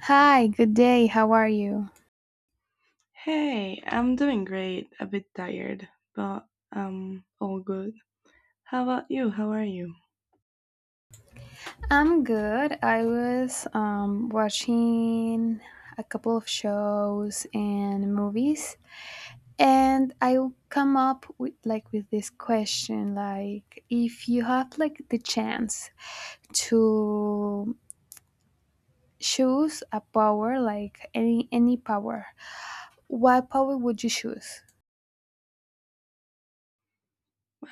Hi, good day. How are you? Hey, I'm doing great. A bit tired, but all good. How about you? How are you? I'm good. I was watching a couple of shows and movies, and I come up with like with this question like if you have like the chance to choose a power like any power, what power would you choose?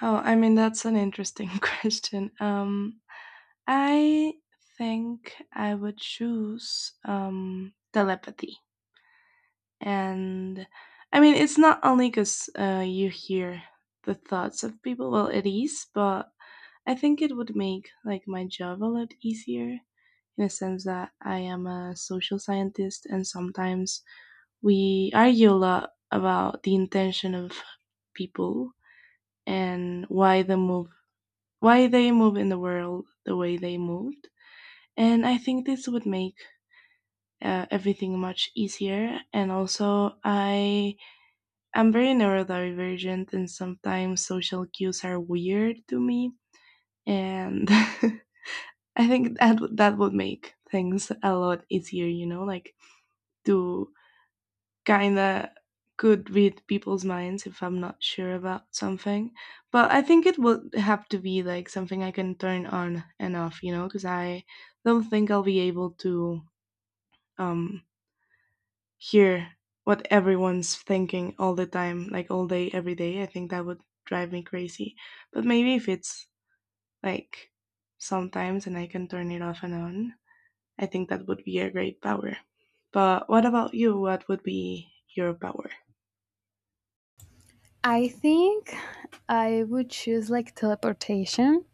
Oh, I mean that's an interesting question. I think I would choose telepathy. And I mean it's not only because you hear the thoughts of people. Well, it is, but I think it would make like my job a lot easier in a sense that I am a social scientist, and sometimes we argue a lot about the intention of people and why they move in the world the way they moved. And I think this would make everything much easier. And also I am very neurodivergent and sometimes social cues are weird to me. And I think that would make things a lot easier, you know, like to kind of could read people's minds if I'm not sure about something. But I think it would have to be like something I can turn on and off, you know, because I don't think I'll be able to um, hear what everyone's thinking all the time, like all day, every day. I think that would drive me crazy. But maybe if it's like sometimes and I can turn it off and on, I think that would be a great power. But what about you? What would be your power? I think I would choose like teleportation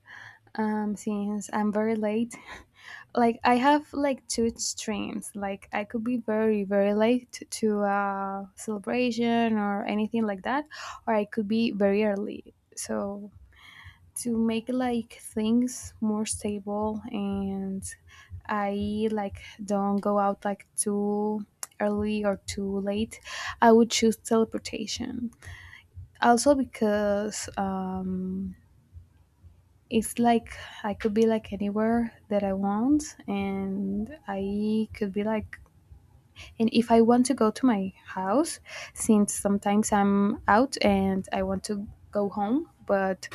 since I'm very late like I have like two extremes like I could be very very late to a celebration or anything like that, or I could be very early, so to make like things more stable, and I like don't go out like too early or too late, I would choose teleportation also because it's like I could be like anywhere that I want, and I could be like, and if I want to go to my house, since sometimes I'm out and I want to go home, but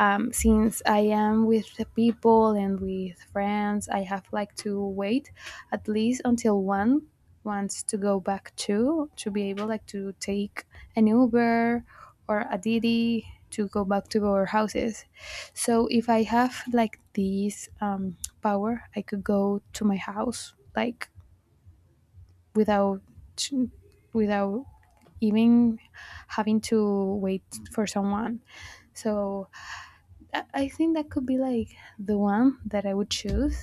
since I am with the people and with friends, I have like to wait at least until one wants to go back to be able like to take an Uber or a DiDi to go back to our houses, so if I have like this power, I could go to my house like without without even having to wait for someone. So I think that could be like the one that I would choose.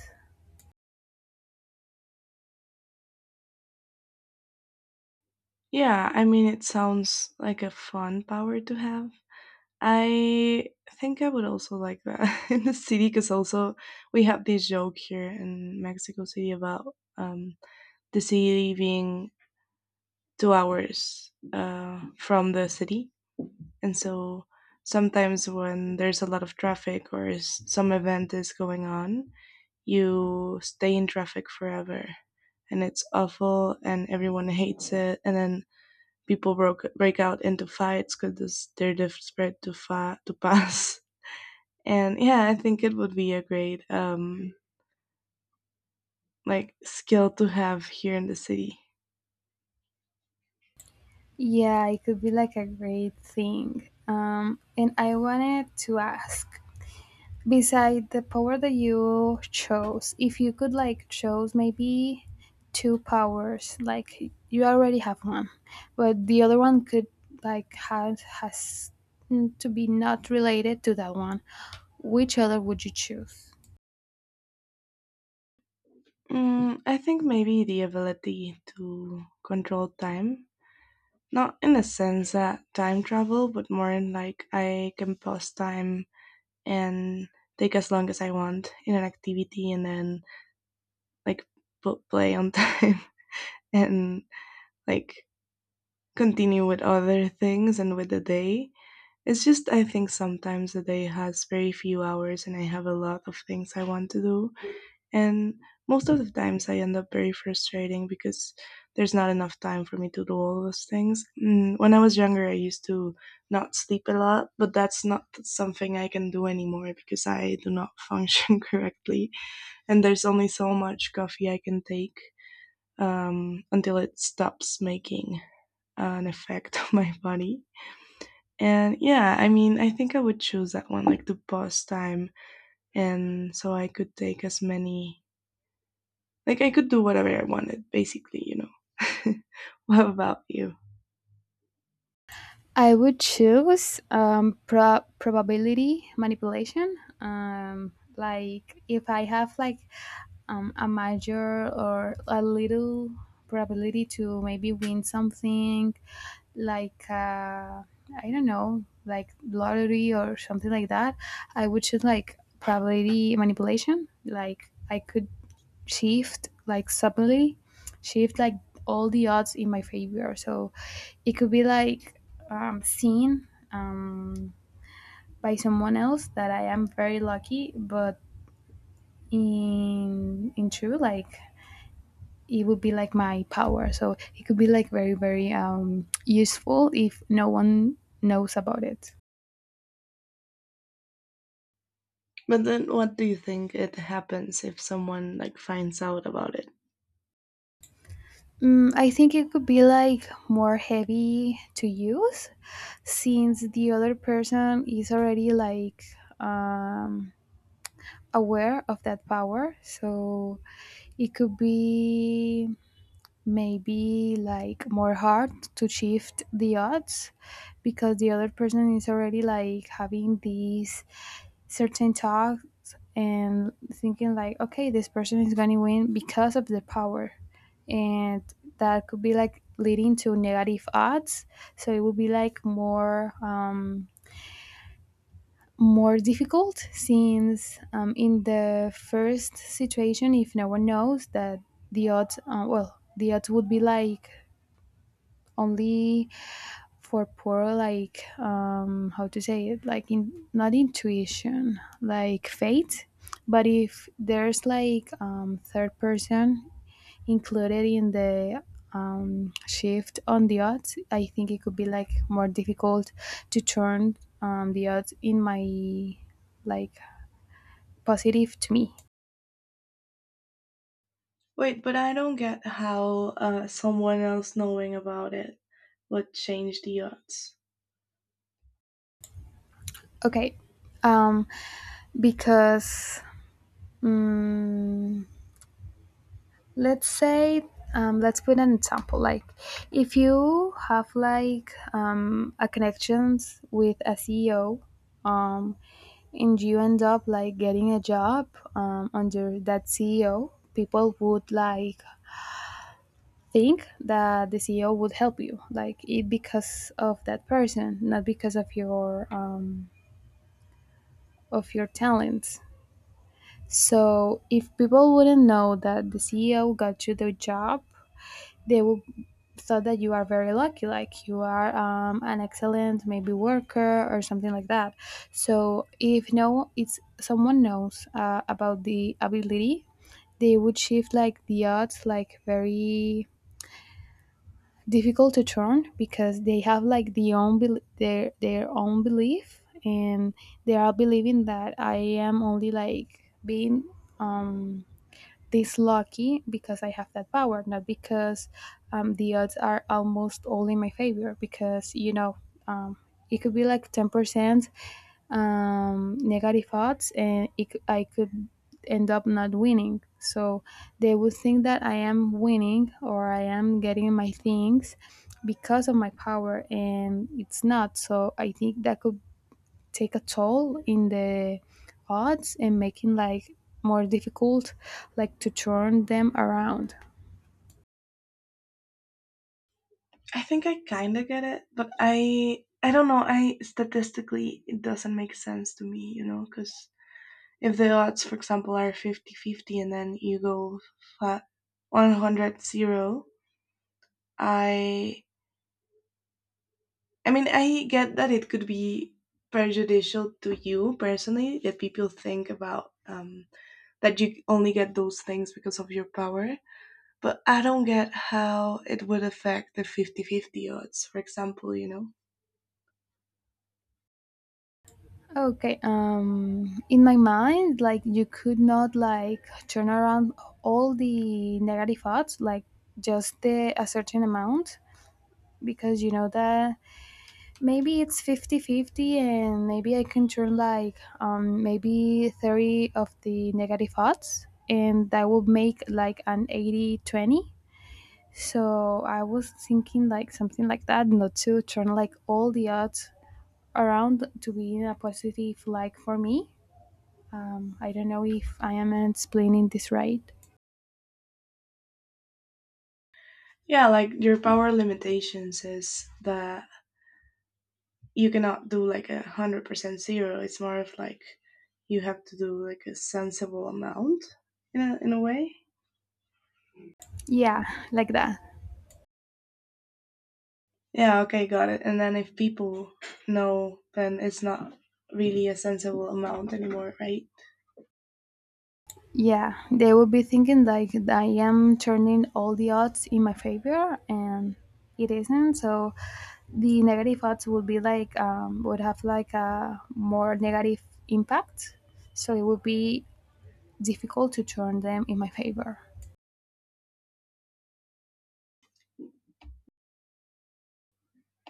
Yeah, I mean, it sounds like a fun power to have. I think I would also like that in the city because also we have this joke here in Mexico City about the city being 2 hours from the city. And so sometimes when there's a lot of traffic or some event is going on, you stay in traffic forever. And it's awful, and everyone hates it. And then people break out into fights because they're desperate to pass. And yeah, I think it would be a great like skill to have here in the city. Yeah, it could be like a great thing. And I wanted to ask, beside the power that you chose, if you could like chose maybe two powers, like you already have one but the other one could like has to be not related to that one, which other would you choose? Mm, I think maybe the ability to control time. Not in a sense that time travel, but more in like I can pause time and take as long as I want in an activity and then like play on time and like continue with other things and with the day. It's just I think sometimes the day has very few hours and I have a lot of things I want to do. And most of the times I end up very frustrating because there's not enough time for me to do all those things. Mm, when I was younger, I used to not sleep a lot, but that's not something I can do anymore because I do not function correctly. And there's only so much coffee I can take until it stops making an effect on my body. And yeah, I mean, I think I would choose that one, like the boss time, and so I could take as many, like I could do whatever I wanted, basically, you know. What about you? I would choose probability manipulation. Like if I have like a major or a little probability to maybe win something, like I don't know, like lottery or something like that, I would choose like probability manipulation. Like I could shift like suddenly, shift like all the odds in my favor. So it could be like seen by someone else that I am very lucky, but in true, like it would be like my power. So it could be like very very useful if no one knows about it. But then, what do you think it happens if someone like finds out about it? I think it could be like more heavy to use since the other person is already like um, aware of that power. So it could be maybe like more hard to shift the odds because the other person is already like having these certain talks and thinking like okay this person is going to win because of the power, and that could be like leading to negative odds, so it would be like more more difficult, since in the first situation, if no one knows that the odds, well, the odds would be like only for poor, like how to say it, like in not intuition, like faith, but if there's like third person included in the shift on the odds, I think it could be like more difficult to turn the odds in my like positive to me. Wait, but I don't get how someone else knowing about it would change the odds. Okay, um because, mm let's say, let's put an example, like if you have like a connections with a CEO, um, and you end up like getting a job under that CEO, people would like think that the CEO would help you, like it, because of that person, not because of your talents. So if people wouldn't know that the CEO got you the job, they will thought that you are very lucky, like you are an excellent maybe worker or something like that. So if no it's someone knows about the ability, they would shift like the odds like very difficult to turn, because they have like their own belief, and they are believing that I am only like being um this lucky because I have that power, not because the odds are almost all in my favor. Because um, it could be like 10% negative odds, and I could end up not winning. So they would think that I am winning or I am getting my things because of my power, and it's not. So I think that could take a toll in the odds and making like more difficult like to turn them around. I think I kind of get it, but I don't know. I statistically it doesn't make sense to me, you know, because if the odds, for example, are 50 50, and then you go 100 0, I I mean I get that it could be prejudicial to you personally that people think about that you only get those things because of your power. But I don't get how it would affect the 50-50 odds, for example, you know? Okay, in my mind, like you could not like turn around all the negative odds, like just the a certain amount, because you know that maybe it's fifty-fifty, and maybe I can turn like maybe 30 of the negative odds, and that would make like an 80-20. So I was thinking like something like that, not to turn like all the odds around to be in a positive like for me. I don't know if I am explaining this right. Yeah, like your power limitations is that you cannot do like a 100% zero. It's more of like you have to do like a sensible amount in a way. Yeah, like that. Yeah, okay, got it. And then if people know, then it's not really a sensible amount anymore, right? Yeah, they will be thinking like I am turning all the odds in my favor, and it isn't. So the negative odds would be would have like a more negative impact. So it would be difficult to turn them in my favor.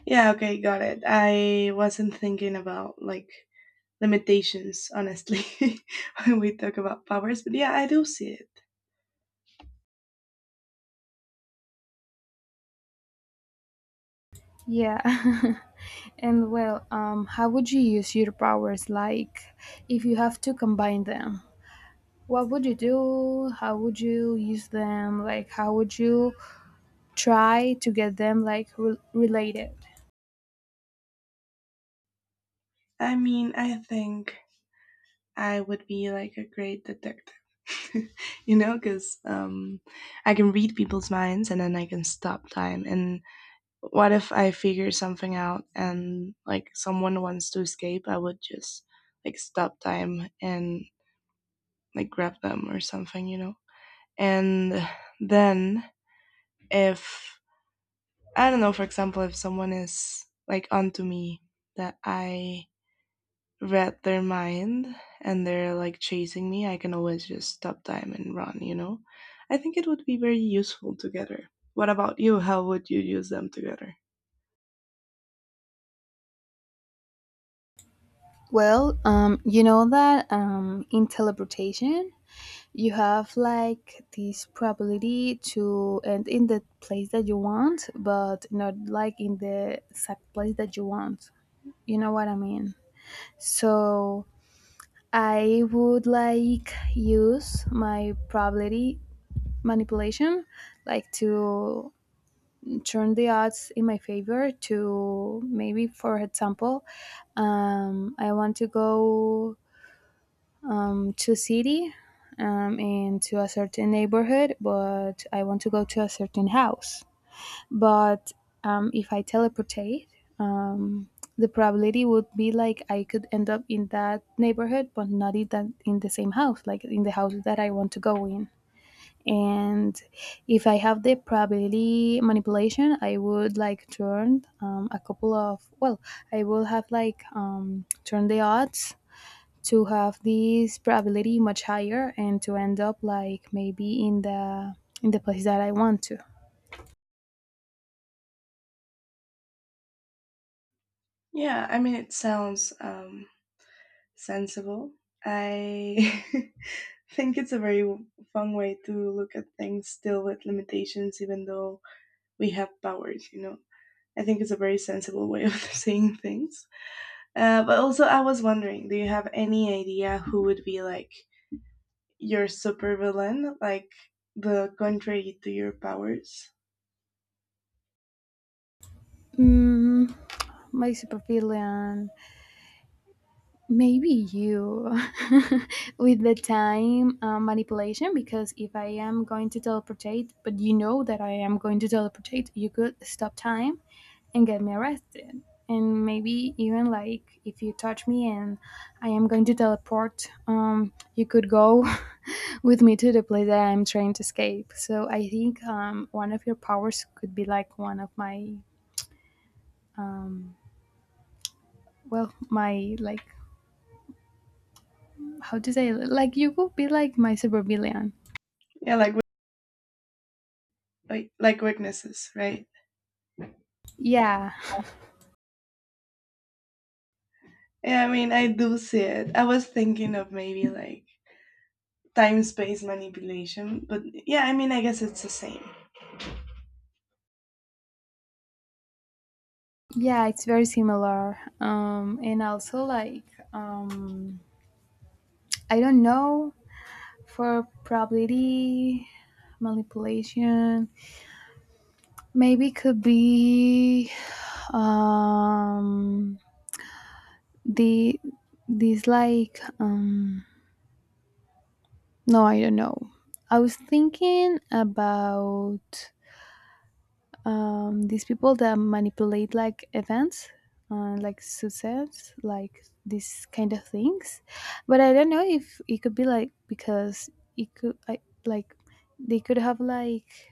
Yeah, okay, got it. I wasn't thinking about like limitations, honestly, when we talk about powers, but yeah, I do see it. Yeah. And well, how would you use your powers? Like, if you have to combine them, what would you do? How would you use them? Like, how would you try to get them like related? I mean, I think I would be like a great detective. You know, because I can read people's minds and then I can stop time. And what if I figure something out and like someone wants to escape? I would just like stop time and like grab them or something, you know? And then if, I don't know, for example, if someone is like onto me that I read their mind and they're like chasing me, I can always just stop time and run, you know? I think it would be very useful together. What about you? How would you use them together? Well, you know that in teleportation, you have like this probability to end in the place that you want, but not like in the exact place that you want. You know what I mean? So I would like use my probability manipulation, like to turn the odds in my favor. To maybe, for example, I want to go to city and to a certain neighborhood, but I want to go to a certain house. But if I teleportate, um, the probability would be like I could end up in that neighborhood, but not in the same house, like in the house that I want to go in. And if I have the probability manipulation, I would like turn a couple of, well, I will have like turn the odds to have this probability much higher and to end up like maybe in the place that I want to. Yeah, I mean, it sounds sensible. I think it's a very fun way to look at things still with limitations, even though we have powers, you know? I think it's a very sensible way of seeing things. But also, I was wondering, do you have any idea who would be like your super villain, like the contrary to your powers? Mm, my supervillain, maybe you, with the time manipulation. Because if I am going to teleportate, but you know that I am going to teleportate, you could stop time and get me arrested. And maybe even like if you touch me and I am going to teleport, you could go with me to the place that I'm trying to escape. So I think one of your powers could be like one of my, um, well, my like how to say, like, you could be like my super villain. Yeah, like like weaknesses, right? Yeah, Yeah, I mean, I do see it. I was thinking of maybe like time space manipulation, but yeah, I mean, I guess it's the same. yeah, it's very similar. And also like um I don't know, for probability manipulation maybe could be um the, this like no, I don't know, I was thinking about these people that manipulate like events, like success, like these kind of things, but I don't know if it could be like because it could, I, like they could have like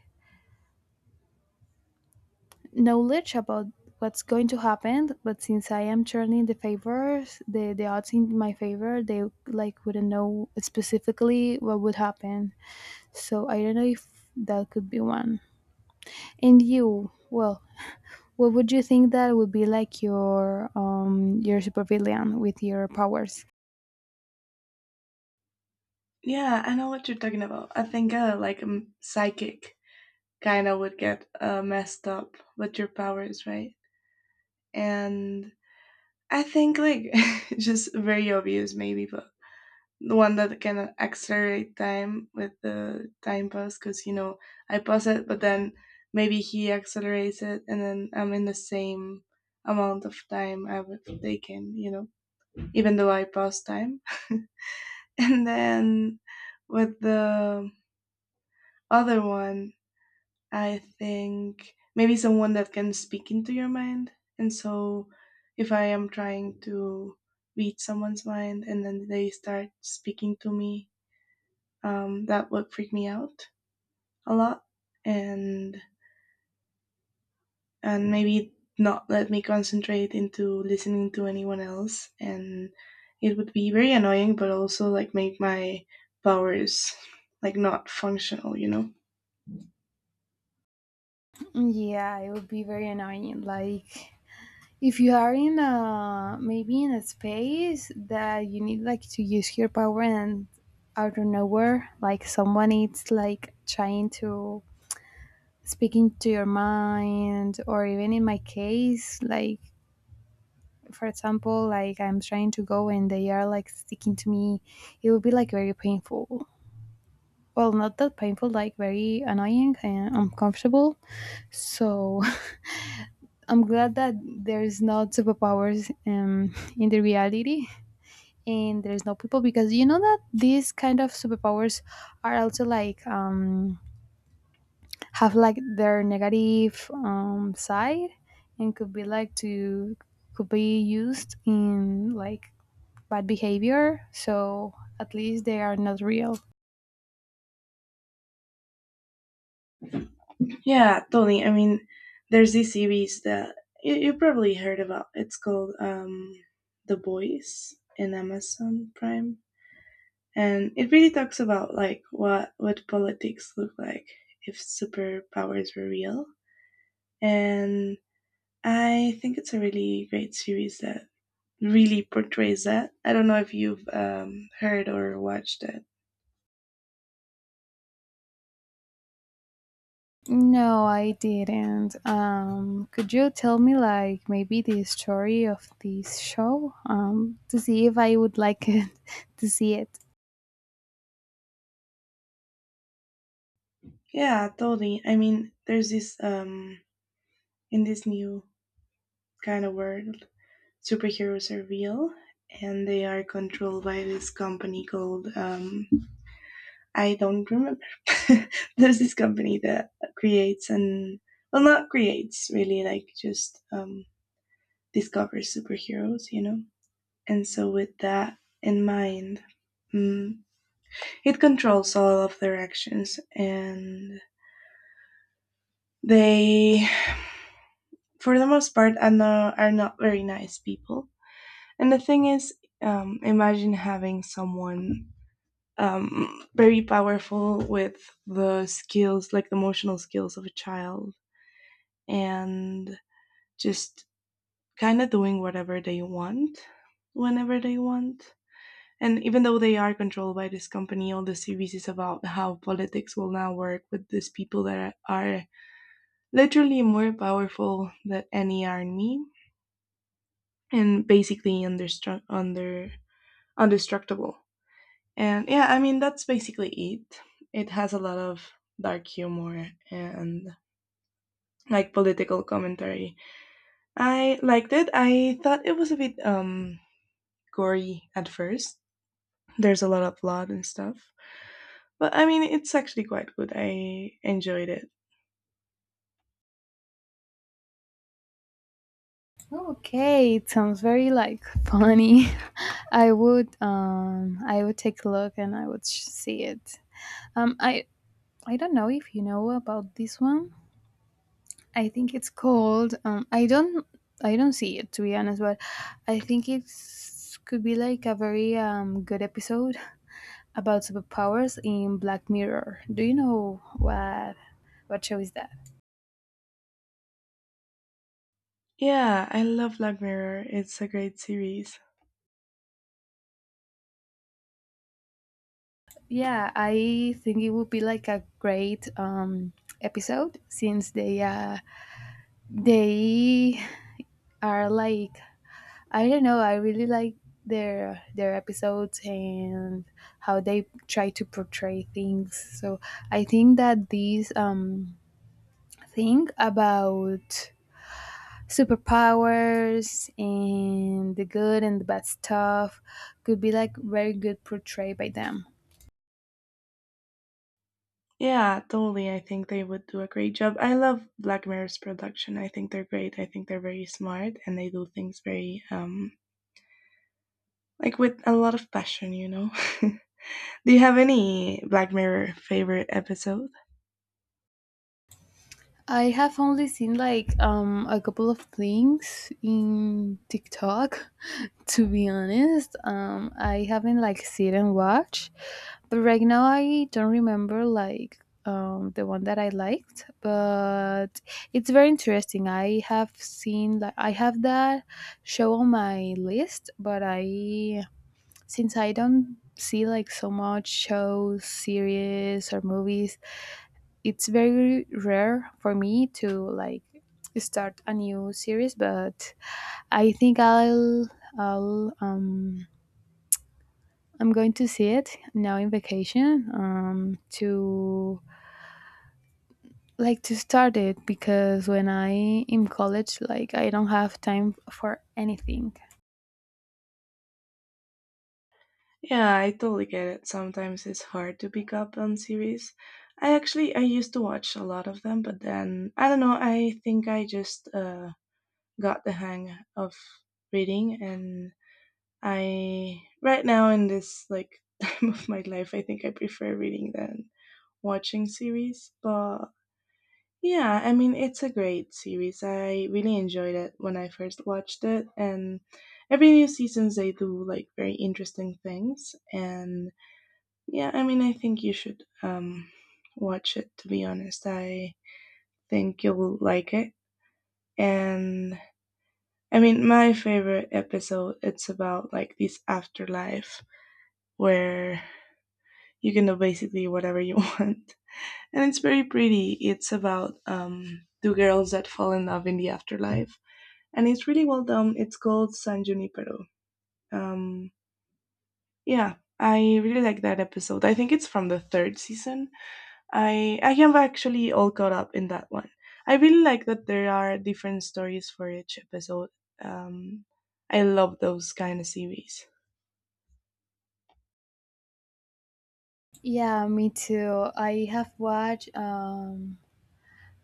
knowledge about what's going to happen, but since I am turning the favors, the odds in my favor, they like wouldn't know specifically what would happen, so I don't know if that could be one. And you, well, what would you think that would be like your your supervillain with your powers? Yeah, I know what you're talking about. I think psychic kind of would get messed up with your powers, right? And I think like just very obvious maybe, but the one that can accelerate time with the time pause because you know I pause it, but then maybe he accelerates it, and then I'm in the same amount of time I would taken, you know, even though I paused time. And then with the other one I think maybe someone that can speak into your mind. And so if I am trying to read someone's mind and then they start speaking to me, that would freak me out a lot. And and maybe not let me concentrate into listening to anyone else, and it would be very annoying but also like make my powers like not functional, you know. Yeah, it would be very annoying. Like if you are in a space that you need like to use your power, and out of nowhere, like someone is like trying to speak into your mind, or even in my case, like for example, like I'm trying to go and they are like sticking to me, it would be like very painful. Well, not that painful, like very annoying and uncomfortable. So I'm glad that there's not superpowers in the reality, and there's no people, because you know that these kind of superpowers are also like have like their negative side, and could be used in like bad behavior. So at least they are not real. Yeah, totally. I mean, there's this series that you probably heard about. It's called The Boys in Amazon Prime. And it really talks about like what politics look like if superpowers were real. And I think it's a really great series that really portrays that. I don't know if you've heard or watched it. No, I didn't. Could you tell me, like, maybe the story of this show? To see if I would like it, to see it. Yeah, totally. I mean, there's this in this new kind of world superheroes are real and they are controlled by this company called I don't remember. There's this company that creates and, well, not creates really, like just discovers superheroes, you know. And so with that in mind, mm, it controls all of their actions, and they, for the most part, are not very nice people. And the thing is, imagine having someone very powerful with the skills, like the emotional skills of a child, and just kind of doing whatever they want whenever they want. And even though they are controlled by this company, all the series is about how politics will now work with these people that are literally more powerful than any army and basically understru- under undestructible. And yeah, I mean that's basically it. It has a lot of dark humor and like political commentary. I liked it. I thought it was a bit gory at first. There's a lot of blood and stuff. But I mean it's actually quite good. I enjoyed it. Okay, it sounds very like funny. I would take a look and I would see it. Um, I, I don't know if you know about this one. I think it's called. I don't see it to be honest, but I think it's could be like a very good episode about superpowers in Black Mirror. Do you know what show is that? Yeah, I love Black Mirror. It's a great series. Yeah, I think it would be like a great episode since they they are like I don't know. I really like their episodes and how they try to portray things. So I think that this thing about superpowers and the good and the bad stuff could be like very good portrayed by them. Yeah, totally. I think they would do a great job. I love Black Mirror's production. I think they're great. I think they're very smart and they do things very like with a lot of passion, you know. Do you have any Black Mirror favorite episode? I have only seen like a couple of things in TikTok, to be honest. I haven't like sit and watch, but right now I don't remember like the one that I liked. But it's very interesting. I have seen like I have that show on my list, but I since I don't see like so much shows, series, or movies, it's very rare for me to like start a new series. But I think I'll I'm going to see it now in vacation to like to start it because when I in college like I don't have time for anything. Yeah, I totally get it. Sometimes it's hard to pick up on series. I actually I used to watch a lot of them, but then I don't know. I think I just got the hang of reading, and I right now in this like time of my life, I think I prefer reading than watching series. But yeah, I mean it's a great series. I really enjoyed it when I first watched it, and every new seasons they do like very interesting things. And yeah, I mean, I think you should watch it, to be honest. I think you'll like it. And I mean, my favorite episode, it's about like this afterlife where you can do basically whatever you want. And it's very pretty. It's about two girls that fall in love in the afterlife. And it's really well done. It's called San Junipero. Um, yeah, I really like that episode. I think it's from the third season. I am actually all caught up in that one. I really like that there are different stories for each episode. Um, I love those kind of series. Yeah, me too. I have watched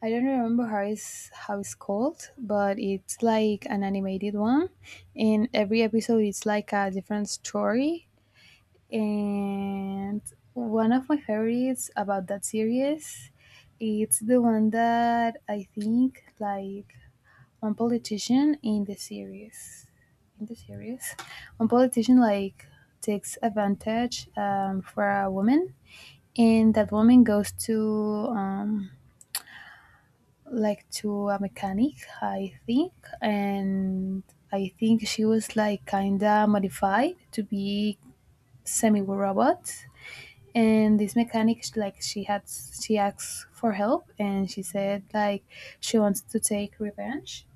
I don't remember how it's called, but it's like an animated one, and every episode it's like a different story. And one of my favorites about that series, it's the one that I think like one politician in the series, one politician like takes advantage for a woman, and that woman goes to. Um, like to a mechanic, I think, and I think she was like kinda modified to be semi-robot. And this mechanic, like she had, she asked for help, and she said like she wants to take revenge,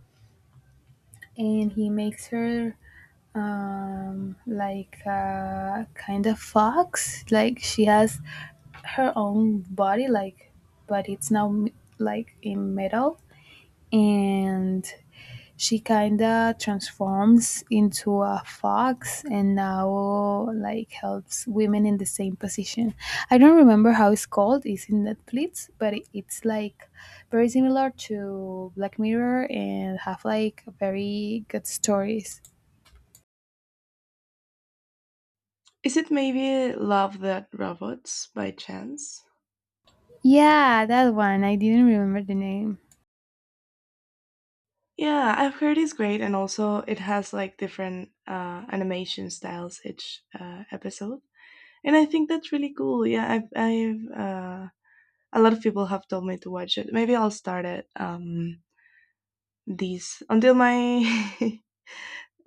and he makes her kind of fox like she has her own body like but it's now like in metal, and she kinda transforms into a fox and now like helps women in the same position. I don't remember how it's called. It's in Netflix, but it's like very similar to Black Mirror and have like very good stories. Is it maybe Love That Robots by chance? Yeah, that one. I didn't remember the name. Yeah, I've heard it's great, and also it has like different animation styles each episode. And I think that's really cool. Yeah, I've a lot of people have told me to watch it. Maybe I'll start it these until my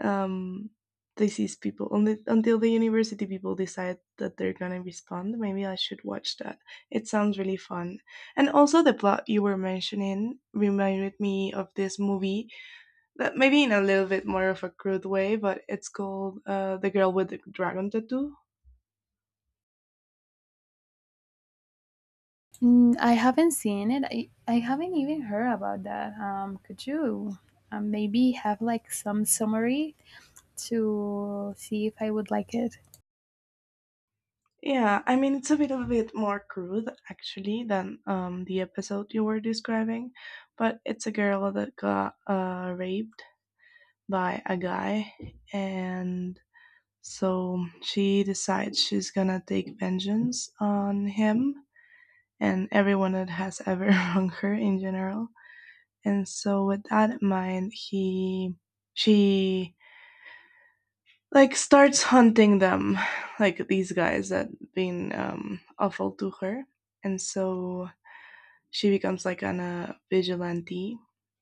um, disease people, only, until the university people decide that they're gonna respond. Maybe I should watch that. It sounds really fun. And also the plot you were mentioning reminded me of this movie that maybe in a little bit more of a crude way, but it's called The Girl with the Dragon Tattoo. Mm, I haven't seen it. I haven't even heard about that. Could you maybe have like some summary to see if I would like it? Yeah, I mean, it's a little bit more crude actually than the episode you were describing, but it's a girl that got raped by a guy. And so she decides she's gonna take vengeance on him and everyone that has ever wronged her in general. And so with that in mind, he she like starts hunting them, like these guys that been awful to her. And so she becomes like an vigilante.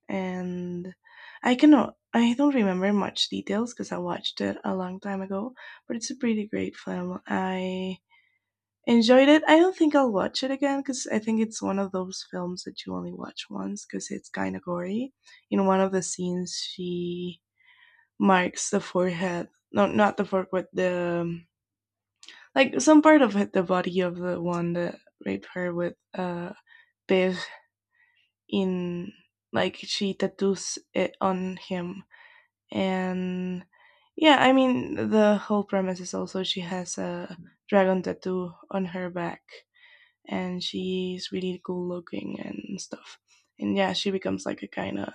And I don't remember much details because I watched it a long time ago, but it's a pretty great film. I enjoyed it. I don't think I'll watch it again because I think it's one of those films that you only watch once because it's kind of gory. In one of the scenes, she marks the forehead. No, not the forehead. The like some part of it, the body of the one that raped her with a Biv in, like she tattoos it on him. And yeah, I mean the whole premise is also she has a dragon tattoo on her back and she's really cool looking and stuff. And yeah, she becomes like a kind of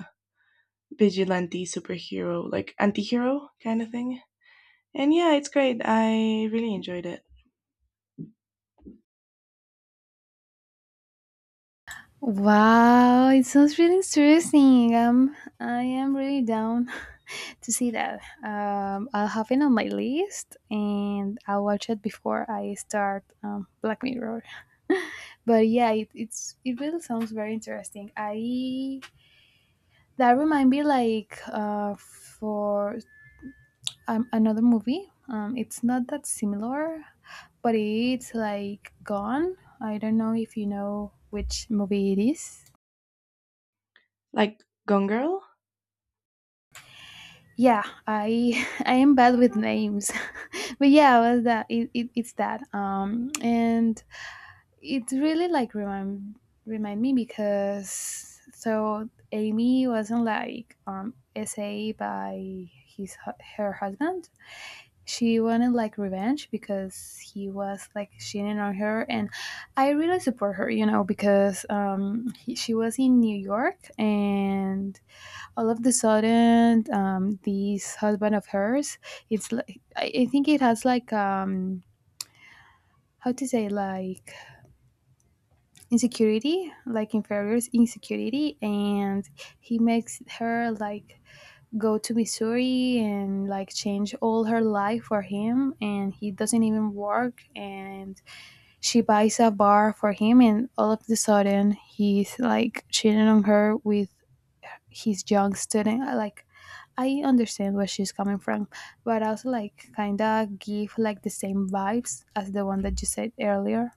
vigilante superhero, like anti-hero kind of thing. And yeah, it's great. I really enjoyed it. Wow, it sounds really interesting. I am really down to see that. I'll have it on my list and I'll watch it before I start Black Mirror. But yeah, it it really sounds very interesting. I that remind me like for another movie. It's not that similar, but it's like Gone. I don't know if you know which movie it is. Like Gone Girl? Yeah, I I am bad with names, but yeah, well, that it's that. And it really like remind me because so Amy wasn't like SA by his her husband. She wanted like revenge because he was like cheating on her, and I really support her, you know, because she was in New York and all of the sudden this husband of hers it's like I think it has like how to say like insecurity like inferior's insecurity, and he makes her like go to Missouri and like change all her life for him, and he doesn't even work, and she buys a bar for him, and all of the sudden he's like cheating on her with his young student. I understand where she's coming from, but also like kinda give like the same vibes as the one that you said earlier.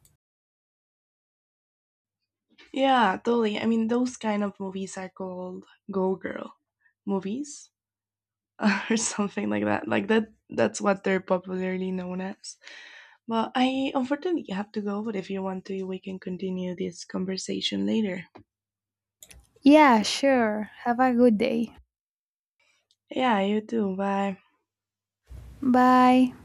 Yeah, totally. I mean, those kind of movies are called Go Girl movies or something like that. Like that's what they're popularly known as. But I unfortunately have to go, but if you want to, we can continue this conversation later. Yeah, sure, have a good day. Yeah, you too. Bye. Bye.